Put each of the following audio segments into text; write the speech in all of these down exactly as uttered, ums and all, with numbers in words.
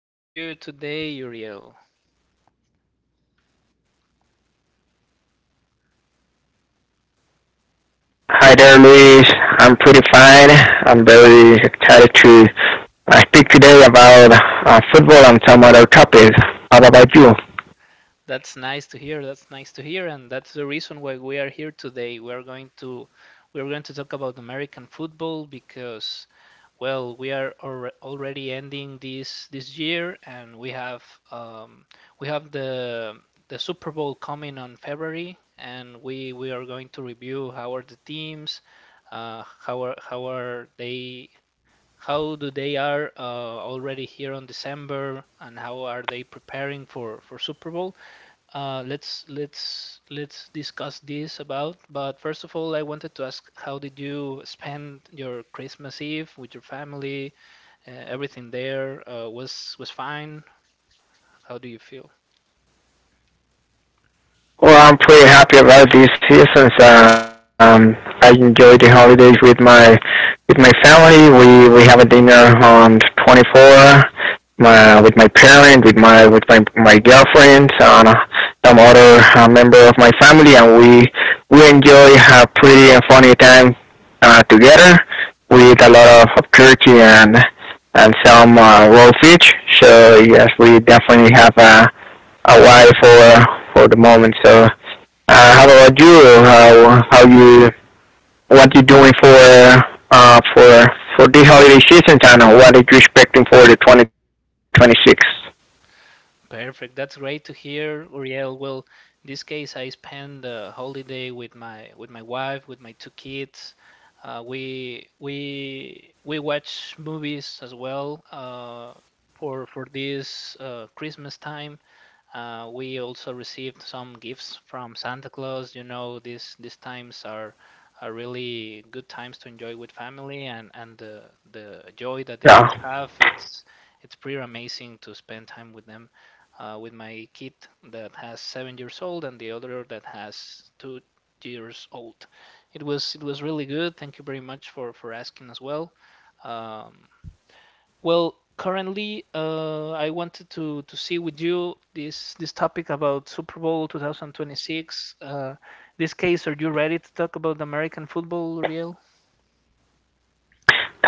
How are you today, Uriel? Hi there, Luis. I'm pretty fine. I'm very excited to uh, speak today about uh, football and some other topics. How about you? That's nice to hear. That's nice to hear, and that's the reason why we are here today. We are going to we are going to talk about American football because, well, we are alre already ending this this year, and we have um, we have the the Super Bowl coming on February, and we we are going to review how are the teams, uh, how are how are they how do they are uh, already here on December and how are they preparing for for Super Bowl. Uh, let's let's let's discuss this about. But first of all, I wanted to ask, how did you spend your Christmas Eve with your family? Uh, everything there uh, was was fine. How do you feel? Well, I'm pretty happy about this season. so, Um, I enjoy the holidays with my with my family. We we have a dinner on the twenty-fourth, my, with my parent, with my with my my girlfriend, and uh, some other uh, member of my family, and we we enjoy a pretty and funny time uh, together. We eat a lot of, of turkey and and some uh, raw fish. So yes, we definitely have a a while for for the moment. So uh, how about you? How how you what you doing for uh for for this holiday season and what are you expecting for the twenty twenty-six? Perfect. That's great to hear, Uriel. Well, in this case, I spent the holiday with my with my wife, with my two kids. Uh, we we we watch movies as well uh, for for this uh, Christmas time. Uh, we also received some gifts from Santa Claus. You know, these these times are are really good times to enjoy with family, and and the the joy that the Yeah, kids have, it's it's pretty amazing to spend time with them. Uh, with my kid that has seven years old and the other that has two years old. It was it was really good. Thank you very much for for asking as well. Um, well, currently, uh, I wanted to to see with you this this topic about Super Bowl two thousand twenty-six. Uh, this case, are you ready to talk about American football, Riel?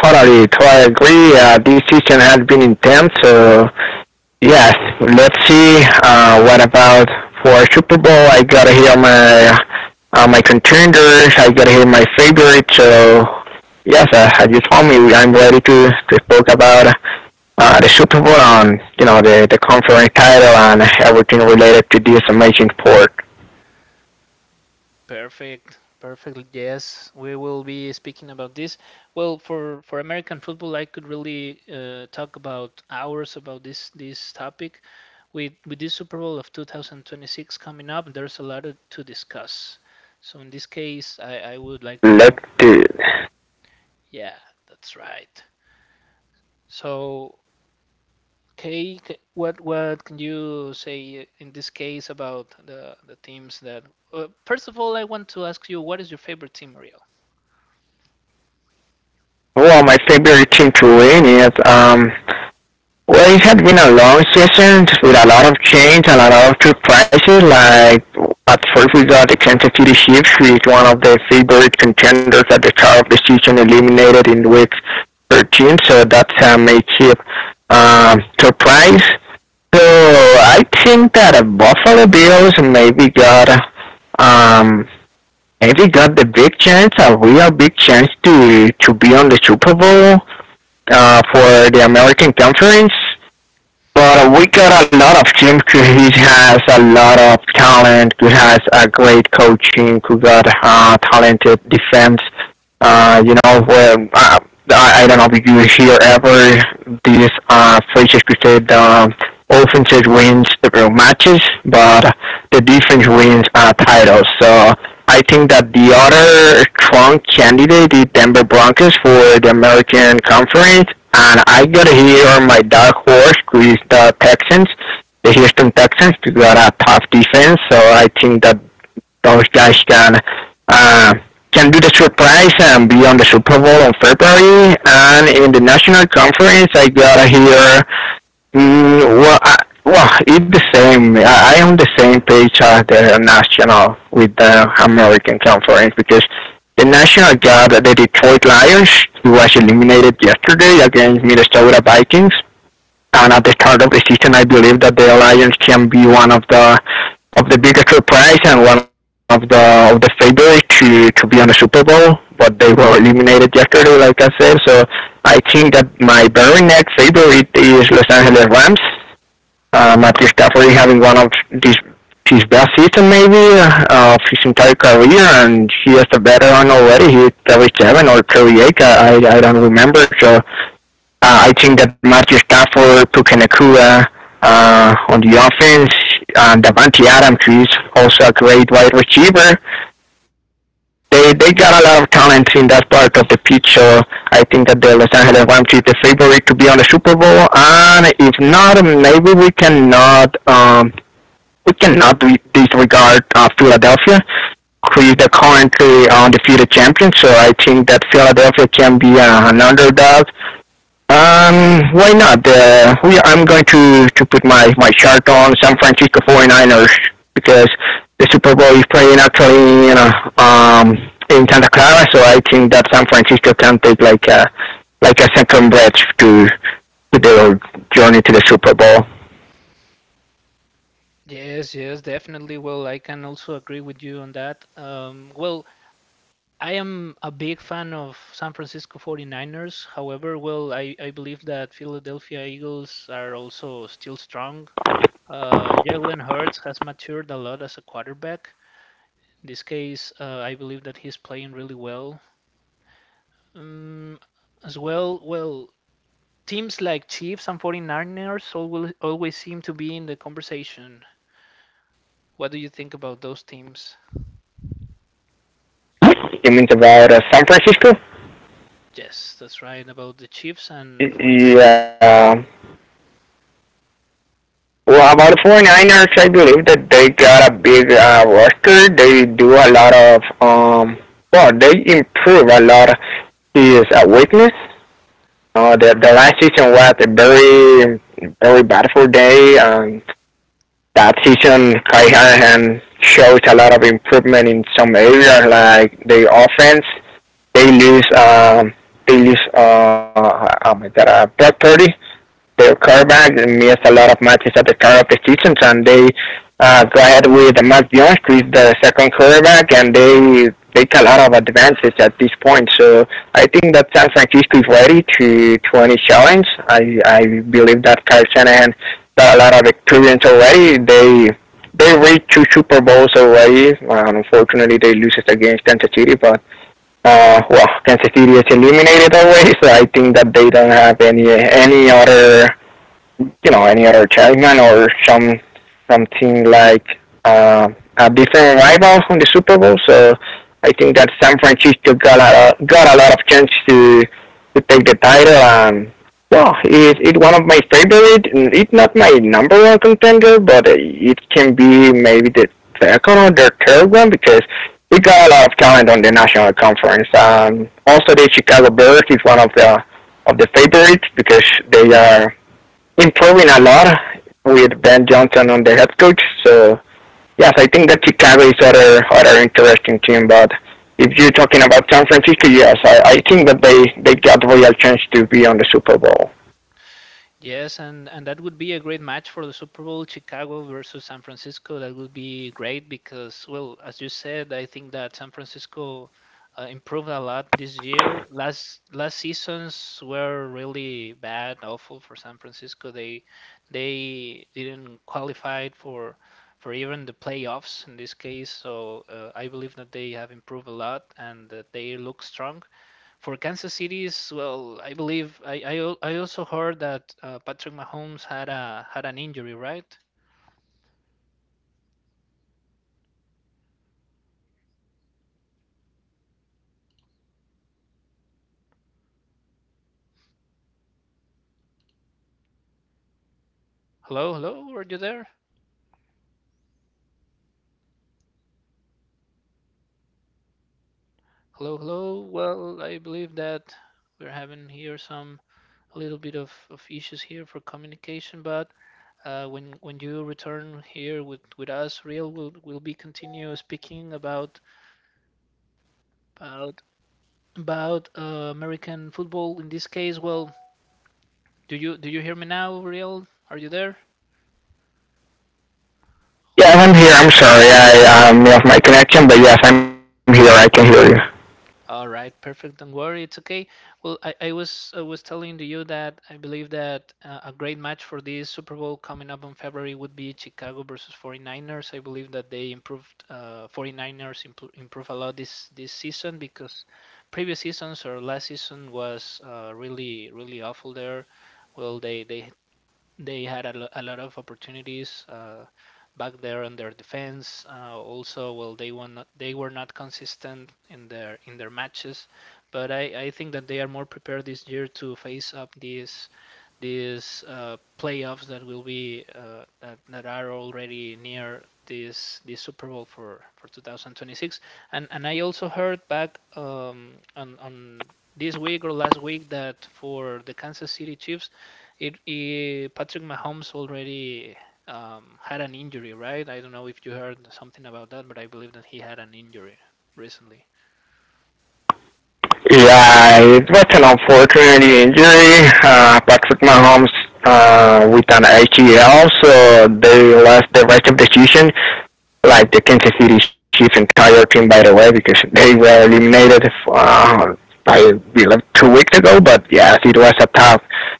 totally, totally agree. Uh, this season has been intense. So yes, let's see. Uh, what about for Super Bowl? I gotta hear my uh, my contenders. I gotta hear my favorites. So yes, uh, as you told me, I'm ready to to talk about uh, the Super Bowl on, you know, the, the conference title and everything related to this amazing sport. Perfect, perfect. Yes, we will be speaking about this. Well, for for American football, I could really uh, talk about hours about this this topic. With with this Super Bowl of twenty twenty-six coming up, there's a lot to discuss. So in this case, I, I would like to Let know. the, Yeah, that's right. So, Kay, c- what what can you say in this case about the the teams that? Uh, first of all, I want to ask you, what is your favorite team, Ariel? well, my favorite team to win is, um, well, it had been a long season with a lot of change and a lot of surprises. Like, at first we got the Kansas City Chiefs, who is one of the favorite contenders at the start of the season, eliminated in week thirteen, so that's a massive um, surprise. So I think that the Buffalo Bills maybe got um maybe got the big chance, a real big chance to to be on the Super Bowl uh, for the American Conference. But we got a lot of team who has a lot of talent, who has a great coaching, who got uh, talented defense. Uh, you know, where, uh, I, I don't know if you hear ever these uh, Fraser said um, offenses wins the matches, but the defense wins uh, titles. So I think that the other strong candidate is Denver Broncos for the American Conference, and I gotta hear my dark horse, who is the Texans, the Houston Texans. They got a tough defense, so I think that those guys can uh, can do the surprise and be on the Super Bowl in February. And in the National Conference, I gotta hear Mm, well, I, well, it's the same. I, I am the same page as the national with the American Conference because the national got the Detroit Lions, who was eliminated yesterday against Minnesota Vikings. And at the start of the season, I believe that the Lions can be one of the of the biggest surprise and one of the of the favorites to to be on the Super Bowl. But they were eliminated yesterday, like I said. So I think that my very next favorite is Los Angeles Rams, um, at least definitely having one of these his best season maybe uh, of his entire career, and he is a veteran already. He is thirty-seven or thirty-eight, I, I don't remember. So uh, I think that Matthew Stafford, Puka Nakua uh, uh, on the offense, and Davante Adams, who is also a great wide receiver, they they got a lot of talent in that part of the pitch. So I think that the Los Angeles Rams is the favorite to be on the Super Bowl. And if not, maybe we cannot um, we cannot disregard uh, Philadelphia, who is the currently uh, undefeated champion. So I think that Philadelphia can be uh, an underdog, um, why not? Uh, we, I'm going to, to put my, my shirt on San Francisco 49ers because the Super Bowl is playing actually, you know, um, in Santa Clara, so I think that San Francisco can take like a, like a second breath to, to their journey to the Super Bowl. Yes, yes, definitely. Well, I can also agree with you on that. Um, well, I am a big fan of San Francisco 49ers. However, well, I, I believe that Philadelphia Eagles are also still strong. Uh, Jalen Hurts has matured a lot as a quarterback. In this case, uh, I believe that he's playing really well. Um, as well, well, Teams like Chiefs and 49ers always, always seem to be in the conversation. What do you think about those teams? It means about uh, San Francisco? Yes, that's right, about the Chiefs and 49ers. Yeah. Well, about the 49ers, I believe that they got a big uh, roster. They do a lot of, um, well, they improve a lot of his uh, weakness. Uh, the, the last season was a very, very bad for they. Um, that season, Kai Hanahan shows a lot of improvement in some areas, like the offense. They lose, um, they lose, uh, oh my God, uh, Brock Purdy, their quarterback, missed a lot of matches at the start of the season, and they uh, go ahead with Matt Jones, who is the second quarterback, and they take a lot of advances at this point. So I think that San Francisco is ready to, to any challenge. I, I believe that Kyle Shanahan got a lot of experience already. They they reached two Super Bowls already. Well, unfortunately, they lose it against Kansas City, but uh, well, Kansas City is eliminated already, so I think that they don't have any any other, you know, any other chairman or some something like uh, a different rival from the Super Bowl. So I think that San Francisco got a got a lot of chance to to take the title and. Well, it it one of my favorite. It's not my number one contender, but it can be maybe the second or the third one because we got a lot of talent on the national conference. Um, also, the Chicago Bears is one of the of the favorites because they are improving a lot with Ben Johnson on the head coach. So yes, I think that Chicago is other other interesting team. But if you're talking about San Francisco, yes, I, I think that they they got a real chance to be on the Super Bowl. Yes, and and that would be a great match for the Super Bowl, Chicago versus San Francisco. That would be great because, well, as you said, I think that San Francisco uh, improved a lot this year. Last last seasons were really bad, awful for San Francisco. They they didn't qualify for for even the playoffs in this case. So uh, I believe that they have improved a lot and that they look strong. For Kansas City's, well, I believe I I, al- I also heard that uh, Patrick Mahomes had a had an injury, right? Hello, hello, are you there? Hello, hello. Well, I believe that we're having here some a little bit of, of issues here for communication, but uh, when when you return here with, with us, real, we'll we'll be continue speaking about about about uh, American football. In this case, well, do you do you hear me now, real? Are you there? Yeah, Hello, I'm hello. here. I'm sorry, I um, lost my connection, but yes, I'm here. I can hear you. All right, perfect. Don't worry, it's okay. Well, I, I was I was telling to you that I believe that uh, a great match for this Super Bowl coming up in February would be Chicago versus 49ers. I believe that they improved uh, 49ers impro improve a lot this this season because previous seasons or last season was uh, really really awful there. Well, they they they had a, lo- a lot of opportunities uh, back there on their defense. Uh, also, well, they were not they were not consistent in their in their matches, but I, I think that they are more prepared this year to face up these these uh, playoffs that will be uh, that, that are already near this this Super Bowl for for two thousand twenty-six. And and I also heard back um, on on this week or last week that for the Kansas City Chiefs it, it Patrick Mahomes already um, had an injury, right? I don't know if you heard something about that, but I believe that he had an injury recently. Yeah, it was an unfortunate injury. Uh, Patrick Mahomes uh, with an A C L, so they lost the rest of the season, like the Kansas City Chiefs entire team, by the way, because they were eliminated uh, by like two weeks ago. But yes, it was a tough,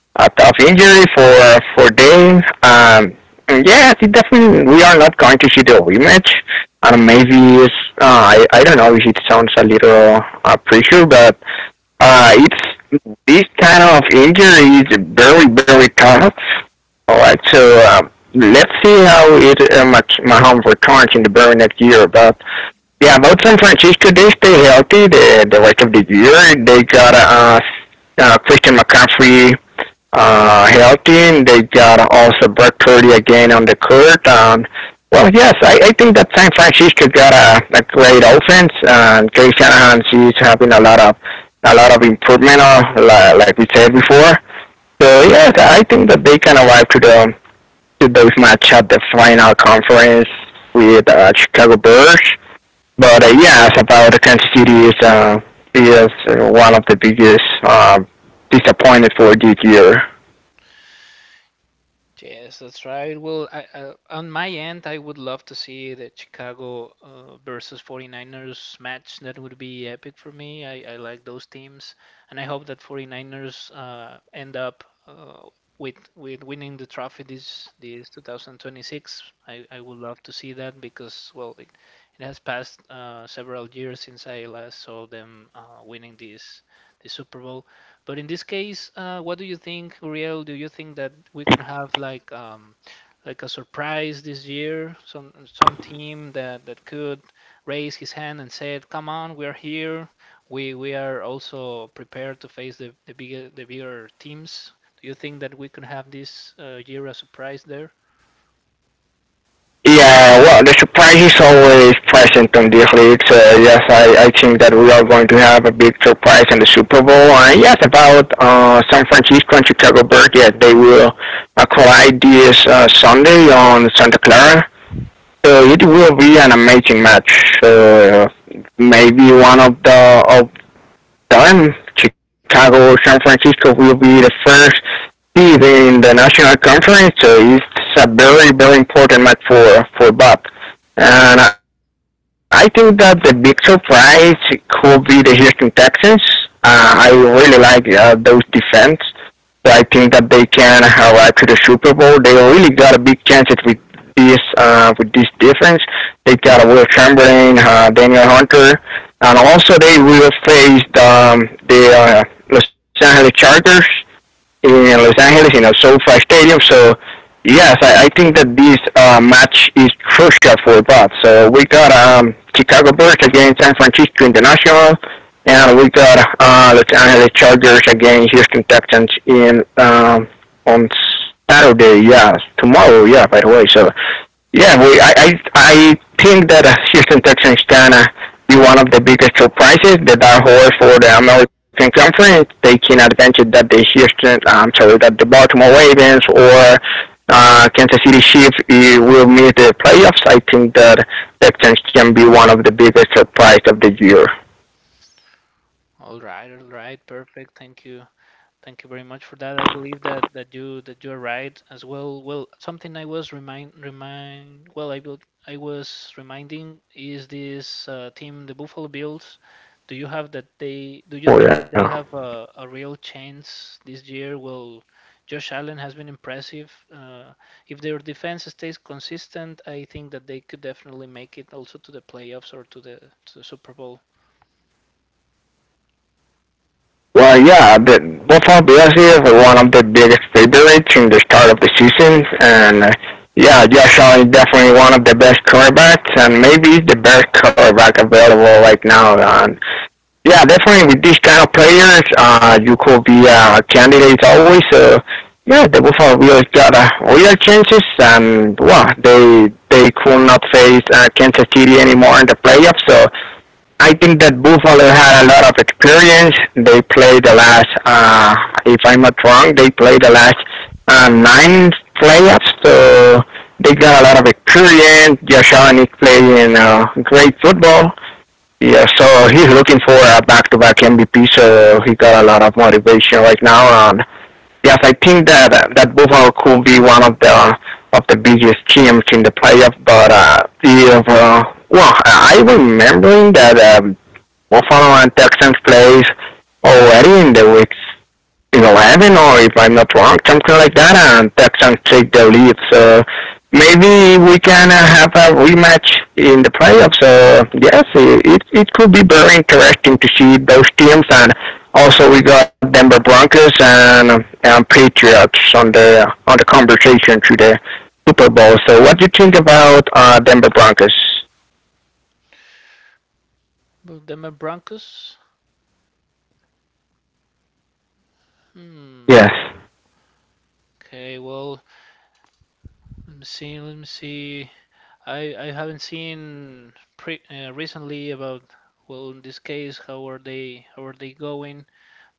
a tough injury for for them. Um, and yes, it definitely we are not going to see the rematch. And maybe it's, uh, I I don't know if it sounds a little uh, pressure, but uh, it's this kind of injury is very very tough. All right, so um, let's see how it uh, my my home returns in the very next year. But yeah, about San Francisco, they stay healthy the the rest of the year. They got a uh, uh Christian McCaffrey, uh, healthy, and they got also Brock Purdy again on the court. Um, well, yes, I, I think that San Francisco got a, a great offense, and Kay Shanahan, she's having a lot of a lot of improvement, uh, like we said before. So yes, I think that they can arrive to the to those match at the final conference with uh, Chicago Bears. But uh, yes, about Kansas City is uh, is uh, one of the biggest uh, disappointment for this year. Yes, that's right. Well, I, uh, on my end, I would love to see the Chicago uh, versus 49ers match. That would be epic for me. I, I like those teams, and I hope that 49ers uh, end up uh, with with winning the trophy this this twenty twenty-six. I, I would love to see that because, well, it, it has passed uh, several years since I last saw them uh, winning this the Super Bowl. But in this case, uh, what do you think, Uriel? Do you think that we could have like um, like a surprise this year? Some some team that that could raise his hand and said, "Come on, we are here. We we are also prepared to face the the bigger the bigger teams." Do you think that we could have this uh, year a surprise there? Yeah, well, the surprise is always present on the leagues. Uh, yes, I, I think that we are going to have a big surprise in the Super Bowl. And yes, about uh, San Francisco and Chicago Bears, yes, they will uh, collide this uh, Sunday on Santa Clara. So it will be an amazing match. So, Uh, Maybe one of the of done. Chicago, San Francisco will be the first seed in the national conference, so it's a very, very important match for for Bob. And I think that the big surprise could be the Houston Texans. Uh, I really like uh, those defense. So I think that they can arrive to the Super Bowl. They really got a big chance with this uh, with this defense. They got a Will Chamberlain, uh, Daniel Hunter, and also they will face the um, the uh, Los Angeles Chargers in Los Angeles in our SoFi Stadium. So yes, I, I think that this uh, match is crucial for both. So we got um, Chicago Bears against San Francisco International, and we got uh, Los Angeles Chargers against Houston Texans in um, on Saturday. Yeah, tomorrow. Yeah, by the way. So yeah, we, I, I, I think that uh, Houston Texans gonna be one of the biggest surprises. The dark horse for the American Conference, taking advantage that the Houston, I'm sorry, that the Baltimore Ravens or uh, Kansas City Chiefs eh, will miss the playoffs. I think that Texans can be one of the biggest surprise of the year. All right, all right, perfect. Thank you. Thank you very much for that. I believe that that you that you are right as well. Well, something I was remind remind well I will I was reminding is this uh, team, the Buffalo Bills. Do you have that they do you Oh think that yeah. they have a, a real chance this year? Well, Josh Allen has been impressive. Uh, if their defense stays consistent, I think that they could definitely make it also to the playoffs or to the to the Super Bowl. Well, yeah, but well, for us here for one of the biggest favorites in the start of the season, and uh, yeah, Josh Allen is definitely one of the best quarterbacks, and maybe the best quarterback available right now. And yeah, definitely with these kind of players, uh, you could be a uh, candidate always. So yeah, the Buffalo Bills got a uh, real chances, and well, they they could not face uh, Kansas City anymore in the playoffs, so I think that Buffalo had a lot of experience. They played the last, uh, if I'm not wrong, they played the last uh, nine playoffs, so they got a lot of experience. Joshon is playing uh, great football. Yeah, so he's looking for a back-to-back M V P, so he got a lot of motivation right now. And yes, I think that uh, that Buffalo could be one of the of the biggest teams in the playoff. But uh, if uh, well, I I remembering that uh, we'll follow on Texans plays already in the weeks eleven or if I'm not wrong, something like that, and Texans take the lead. So maybe we can uh, have a rematch in the playoffs. So yes, it, it it could be very interesting to see those teams, and also we got Denver Broncos and and Patriots on the on the conversation to the Super Bowl. So what do you think about uh, Denver Broncos? But Denver Broncos? Hmm. Yes. Okay, well. Let me see. Let me see. I I haven't seen pre uh, recently about, well, in this case, how are they how are they going?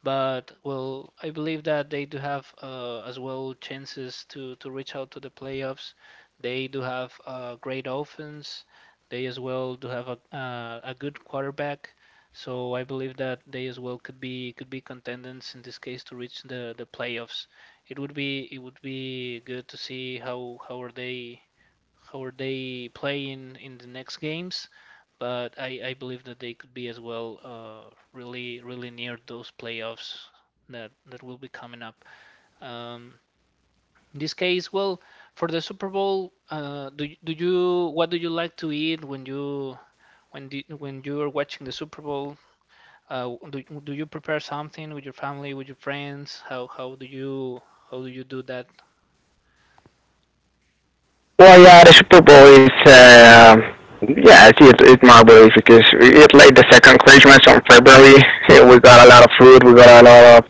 But well, I believe that they do have uh, as well chances to to reach out to the playoffs. They do have a great offense. They as well do have a uh, a good quarterback. So I believe that they as well could be could be contenders in this case to reach the the playoffs. It would be it would be good to see how how are they how are they playing in the next games, but I, I believe that they could be as well uh, really really near those playoffs that that will be coming up. Um, in this case, well, for the Super Bowl, uh, do do you what do you like to eat when you when do, when you are watching the Super Bowl? Uh, do, do you prepare something with your family, with your friends? How how do you how do you do that? Well, yeah, the Super Bowl is, uh, yeah, I see it, it marvelous because it like the second Christmas on February. We got a lot of food, we got a lot of,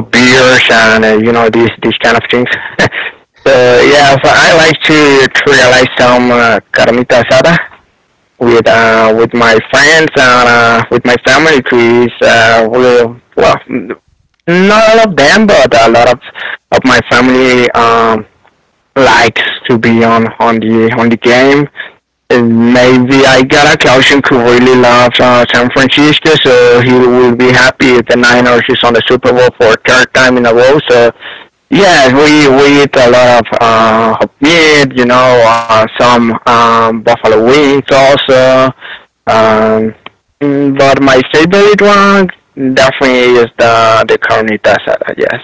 of beers, and uh, you know these these kind of things. So yeah, so I like to, to realize some uh, carnita asada with uh, with my friends and uh, with my family. Trees, uh, we well, not all of them, but a lot of of my family. Um, likes to be on on the on the game. And maybe I got a cousin who really loves uh, San Francisco, so he will be happy if the Niners is on the Super Bowl for a third time in a row. So yeah, we we eat a lot of uh, of meat, you know, uh, some um, buffalo wings also. Um, mm, but my favorite one definitely is the the carnita asada. Yes.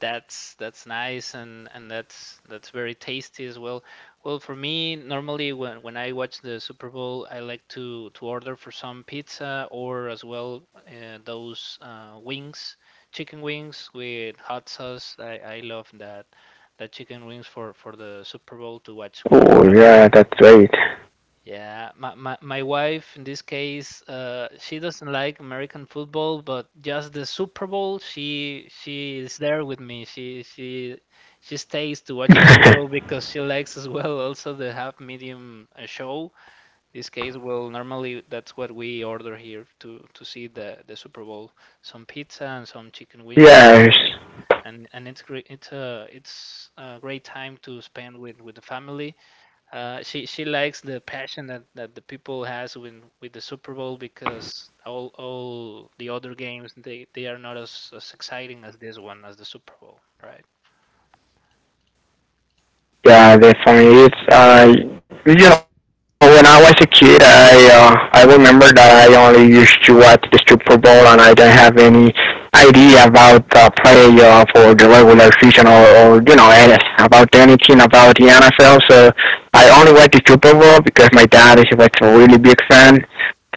that's that's nice and and that's that's very tasty as well. Well, for me, normally when when I watch the Super Bowl, I like to to order for some pizza or as well uh, those uh, wings, chicken wings with hot sauce. I I love that that chicken wings for for the Super Bowl to watch with my Oh yeah, family. that's right. Yeah, my, my, my wife in this case, uh, she doesn't like American football, but just the Super Bowl, she she is there with me. She she she stays to watch the Super Bowl because she likes as well also the half medium uh, show. This case, well, normally that's what we order here to to see the the Super Bowl, some pizza and some chicken wings Yes. and and and it's great. It's a it's a great time to spend with with the family. uh, she she likes the passion that, that the people has when with the Super Bowl because all all the other games they, they are not as, as exciting as this one, as the Super Bowl, right? Yeah, definitely. It's uh, you know, when I was a kid, I uh, I remember that I only used to watch the Super Bowl, and I didn't have any idea about the playoff or the regular season or, or you know any- about anything about the N F L. So I only watched the Super Bowl because my dad is was a really big fan.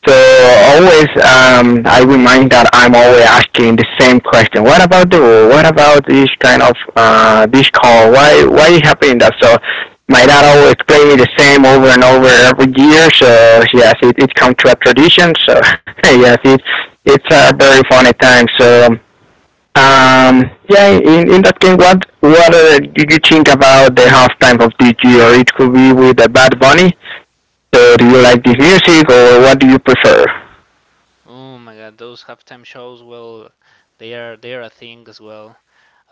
So always, um, I remind that I'm always asking the same question. What about the war? What about this kind of uh, this call? Why why is happening that? So my dad always play me the same over and over every year. So yes, it it come to a tradition. So yes, it it's a very funny time. So um, yeah, in in that game, what what uh, did you think about the halftime of this year? It could be with the Bad Bunny. So do you like this music or what do you prefer? Oh my God, those halftime shows, well, they are they are a thing as well.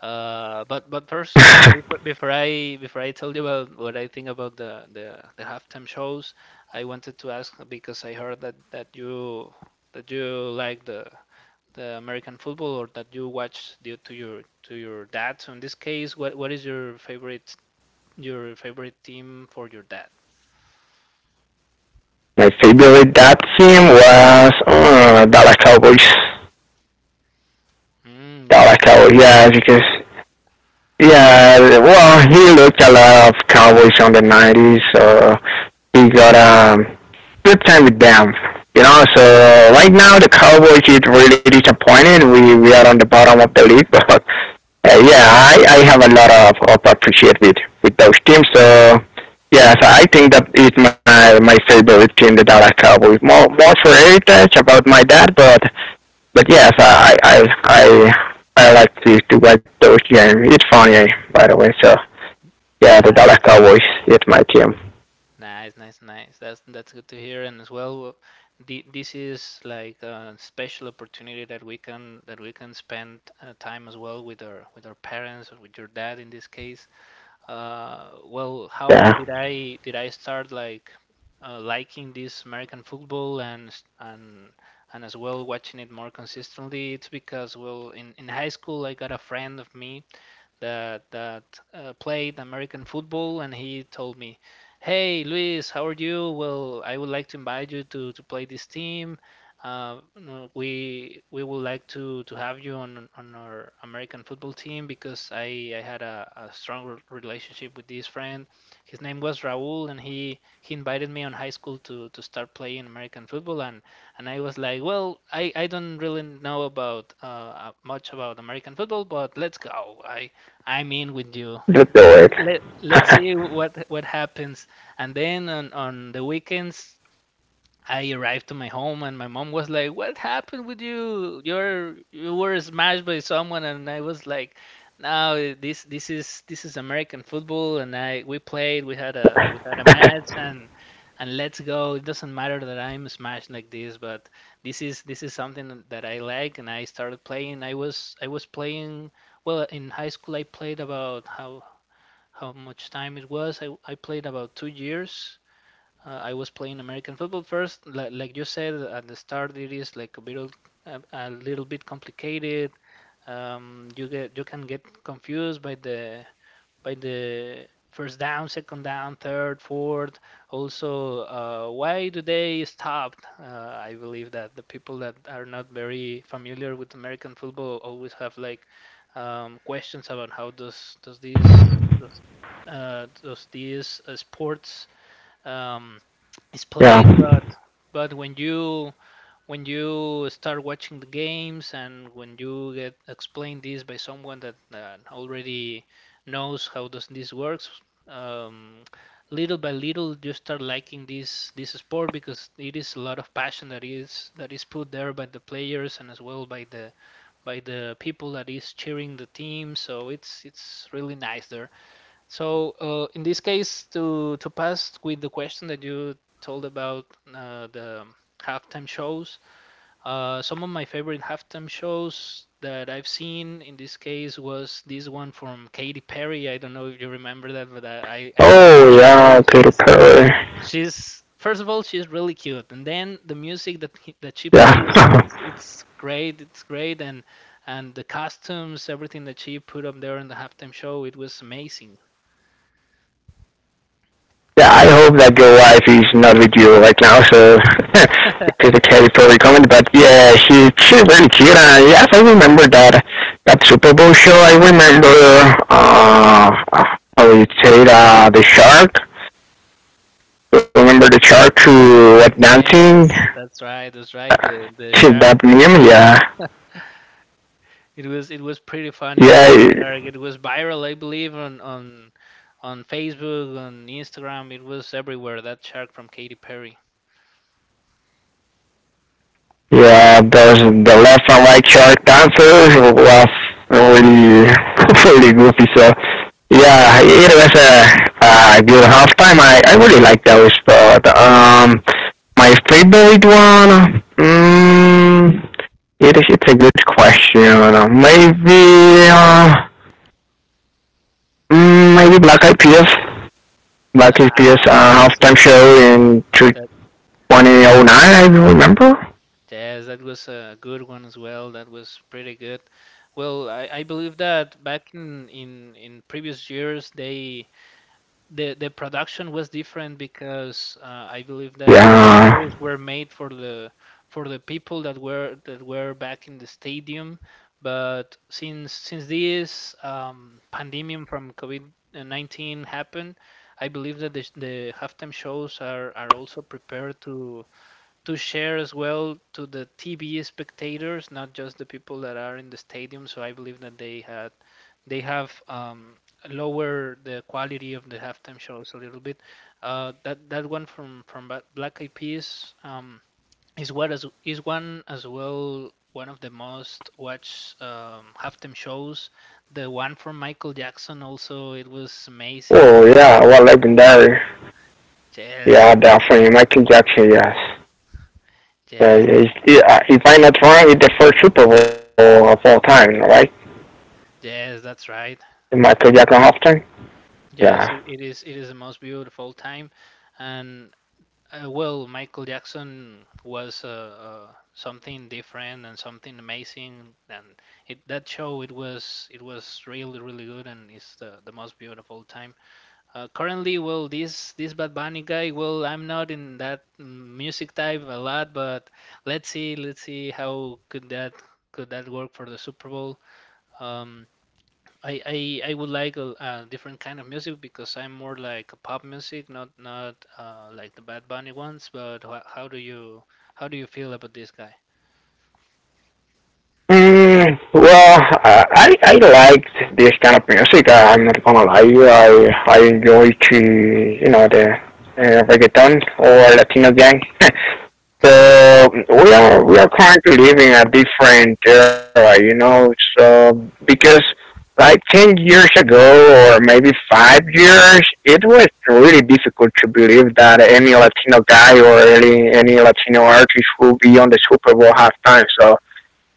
Uh, but but first, uh, before, before I before I tell you about what I think about the, the the halftime shows, I wanted to ask because I heard that that you that you like the the American football, or that you watch due to your to your dad. So in this case, what what is your favorite your favorite team for your dad? My favorite that team was uh, Dallas Cowboys. Mm, Dallas nice, Cowboys, nice, yeah, because yeah, well, he looked a lot of Cowboys on the nineties, so he got a um good time with them. You know, so right now the Cowboys is really disappointed. We we are on the bottom of the league, but Uh, yeah, I, I have a lot of, of appreciated with those teams. So yeah, so I think that is my, my favorite team, the Dallas Cowboys. More more for heritage about my dad, but but yes, I I I I like to to watch those games. It's funny, by the way. So yeah, the Dallas nice, Cowboys is my team. nice, nice, nice, nice. That's that's good to hear. And as well, the, this is like a special opportunity that we can that we can spend uh, time as well with our with our parents or with your dad in this case. uh, well, how Yeah, did I did I start like uh, liking this American football and s- and and as well watching it more consistently? It's because well, in in high school I got a friend of me that that uh, played American football, and he told me, "Hey, Luis, how are you? Well, I would like to invite you to to play this team. Uh, no, we we would like to to have you on on our American football team because I I had a, a strong relationship with this friend. His name was Raúl, and he he invited me on high school to to start playing American football and and I was like, well, I, I don't really know about uh, uh, much about American football, but let's go. I I'm in with you. let's do Let it. let let's see what what happens. And then on on the weekends, I arrived to my home and my mom was like, "What happened with you? You're you were smashed by someone." And I was like, "No, this this is this is American football and I we played, we had a we had a match and and let's go. It doesn't matter that I'm smashed like this, but this is this is something that I like and I started playing. I was I was playing well in high school I played about how how much time it was. I I played about two years uh, I was playing American football first. Like, like you said at the start, it is like a little, a, a little bit complicated. Um, you get you can get confused by the by the first down, second down, third, fourth. Also, uh, why do they stop? Uh, I believe that the people that are not very familiar with American football always have like um, questions about how does does this does, uh, does these uh, sports um, is played Yeah. but but when you when you start watching the games and when you get explained this by someone that uh, already knows how does this works um, little by little you start liking this this sport because it is a lot of passion that is that is put there by the players and as well by the by the people that is cheering the team, so it's it's really nice there. So, uh, in this case, to to pass with the question that you told about uh, the halftime shows, uh, some of my favorite halftime shows that I've seen in this case was this one from Katy Perry. I don't know if you remember that, but I I love Oh Katy yeah, Perry. Katy She's Perry. she's first of all she's really cute, and then the music that he, that she plays Yeah. it's it's great. It's great, and and the costumes, everything that she put up there in the halftime show, it was amazing. Yeah, I hope that your wife is not with you right now, so it's a Kelly probably comment. But yeah, she she's very cute. And yes, I remember that that Super Bowl show. I remember uh uh, how you say it, uh, the shark. You remember the shark who was dancing? Yes, that's right. That's Uh, right. The the she shark. that The meme, yeah, it was it was pretty funny that that yeah. shark. It was viral, I believe, on on on Facebook, on Instagram. It was everywhere. That shark from Katy Perry. Yeah, those the left and right shark dancers was really really goofy. So yeah, it was a, a good halftime. I, I really like those, but um, my favorite one. Mm, it is it's a good question. Maybe uh, mm, maybe Black Eyed Peas. Black Eyed Peas Ah, uh, that halftime was show in that. twenty oh nine. I remember. Yes, that was a good one as well. That was pretty good. Well, I, I believe that back in, in in previous years they the the production was different because uh, I believe that the Yeah. shows were made for the for the people that were that were back in the stadium. But since since this um, pandemic from COVID nineteen happened, I believe that the, the halftime shows are, are also prepared to to share as well to the T V spectators, not just the people that are in the stadium. So I believe that they had they have um, lower the quality of the halftime shows a little bit. Uh, that that one from from Ba- Black Eyed Peas um, is what as is one as well one of the most watched um, halftime shows. The one from Michael Jackson also it was Oh amazing. yeah, well legendary. Yes, Yeah, yes, definitely Michael Jackson. Yes. Uh, yes, th- he's, he, uh, if I'm not wrong, it's the first Super Bowl of all time, right? yes, that's right. Michael Jackson halftime. Yeah. Yes, it, it is. It is the most beautiful time, and uh, well, Michael Jackson was uh, uh, something different and something amazing, and it that show it was it was really really good, and it's the, the most beautiful time. Uh, currently, well, this this Bad Bunny guy, well, I'm not in that mm, music type a lot, but let's see let's see how could that could that work for the Super Bowl. Um, I, I I would like a, a different kind of music because I'm more like a pop music, not not uh, like the Bad Bunny ones. But wha how do you how do you feel about this guy? Mm, well, uh, I I liked this kind of music. I, I'm not gonna lie, I I enjoy to you know the uh, reggaeton or Latino gang. So we are we are currently living a different era, you know. So because like ten years ago or maybe five years, it was really difficult to believe that any Latino guy or any any Latino artist will be on the Super Bowl halftime. So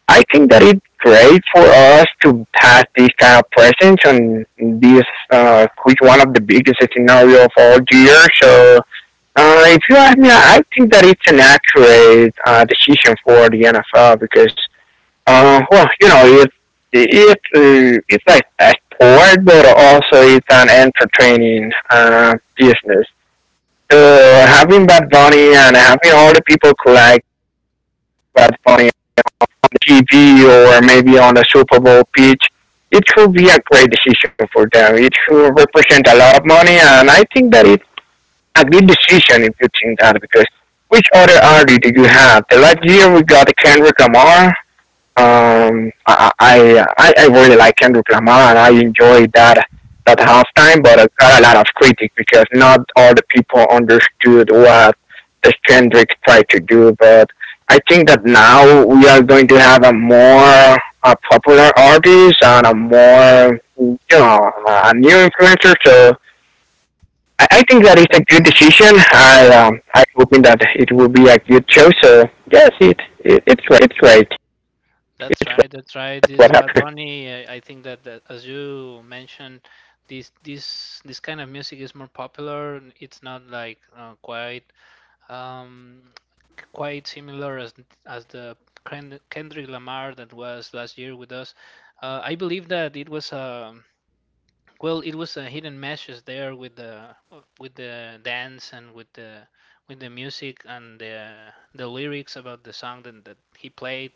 I think that it's great for us to have this kind of presence on this, uh, which one of the biggest scenario of all year. So uh, if you ask me, I think that it's an accurate uh, decision for the N F L because, uh, well, you know, it's it's uh, it's like a sport, but also it's an entertaining uh, business. So having Bad Bunny and having all the people collect Bad Bunny on the T V or maybe on the Super Bowl pitch, it could be a great decision for them. It could represent a lot of money, and I think that it a good decision if you think that because which other R D do you have? The last year we got Kendrick Lamar. Um, I I, I I really like Kendrick Lamar and I enjoyed that that halftime, but I got a lot of critics because not all the people understood what the Kendrick tried to do. But I think that now we are going to have a more a popular artist and a more you know a new influencer. So I, I think that is a good That's decision. I um, I hoping that it will be a good show. So yes, it, it it's right. It's right. that's It's right. right, that's right. This What Bad happened? Bunny, I, I think that, that as you mentioned, this this this kind of music is more popular. It's not like uh, quite um, quite similar as as the Kend- Kendrick Lamar that was last year with us. Uh, I believe that it was a well, it was a hidden message there with the uh, with the dance and with the with the music and the the lyrics about the song that, that he played.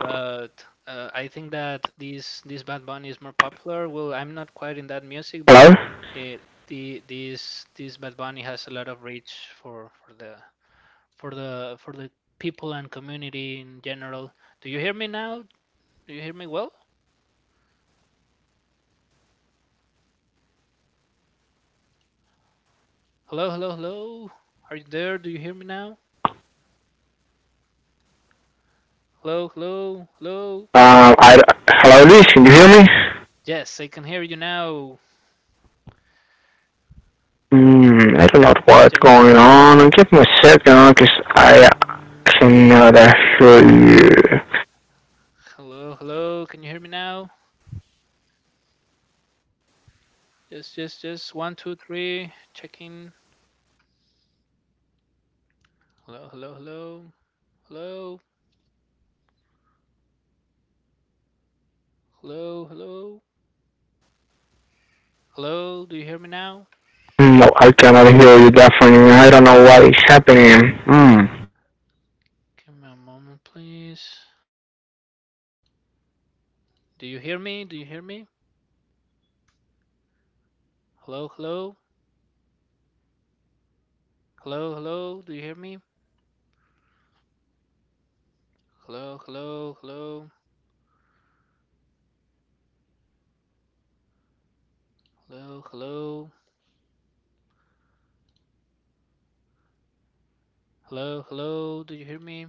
But uh, I think that this this Bad Bunny is more popular. Well, I'm not quite in that music, Hello. but it the this this Bad Bunny has a lot of reach for for the for the for the people and community in general. Do you hear me now? Do you hear me well? Hello, hello, hello. Are you there? Do you hear me now? Hello, hello, hello. Um. I hello, Luis. Can you hear me? Yes, I can hear you now. Hmm. I don't know what's going Just. on. Give me a second, cause I Uh, cannot hear you. Hello, hello. Can you hear me now? Just, just, just. One, two, three. Checking. Hello, hello, hello. Hello, hello, hello. Hello, do you hear me now? No, I cannot hear you. Definitely. I don't know what is happening. Hmm. Give me a moment, please. Do you hear me? Do you hear me? Hello, hello. Hello, hello. Do you hear me? Hello, hello, hello. Hello, hello. Hello, hello. Do you hear me?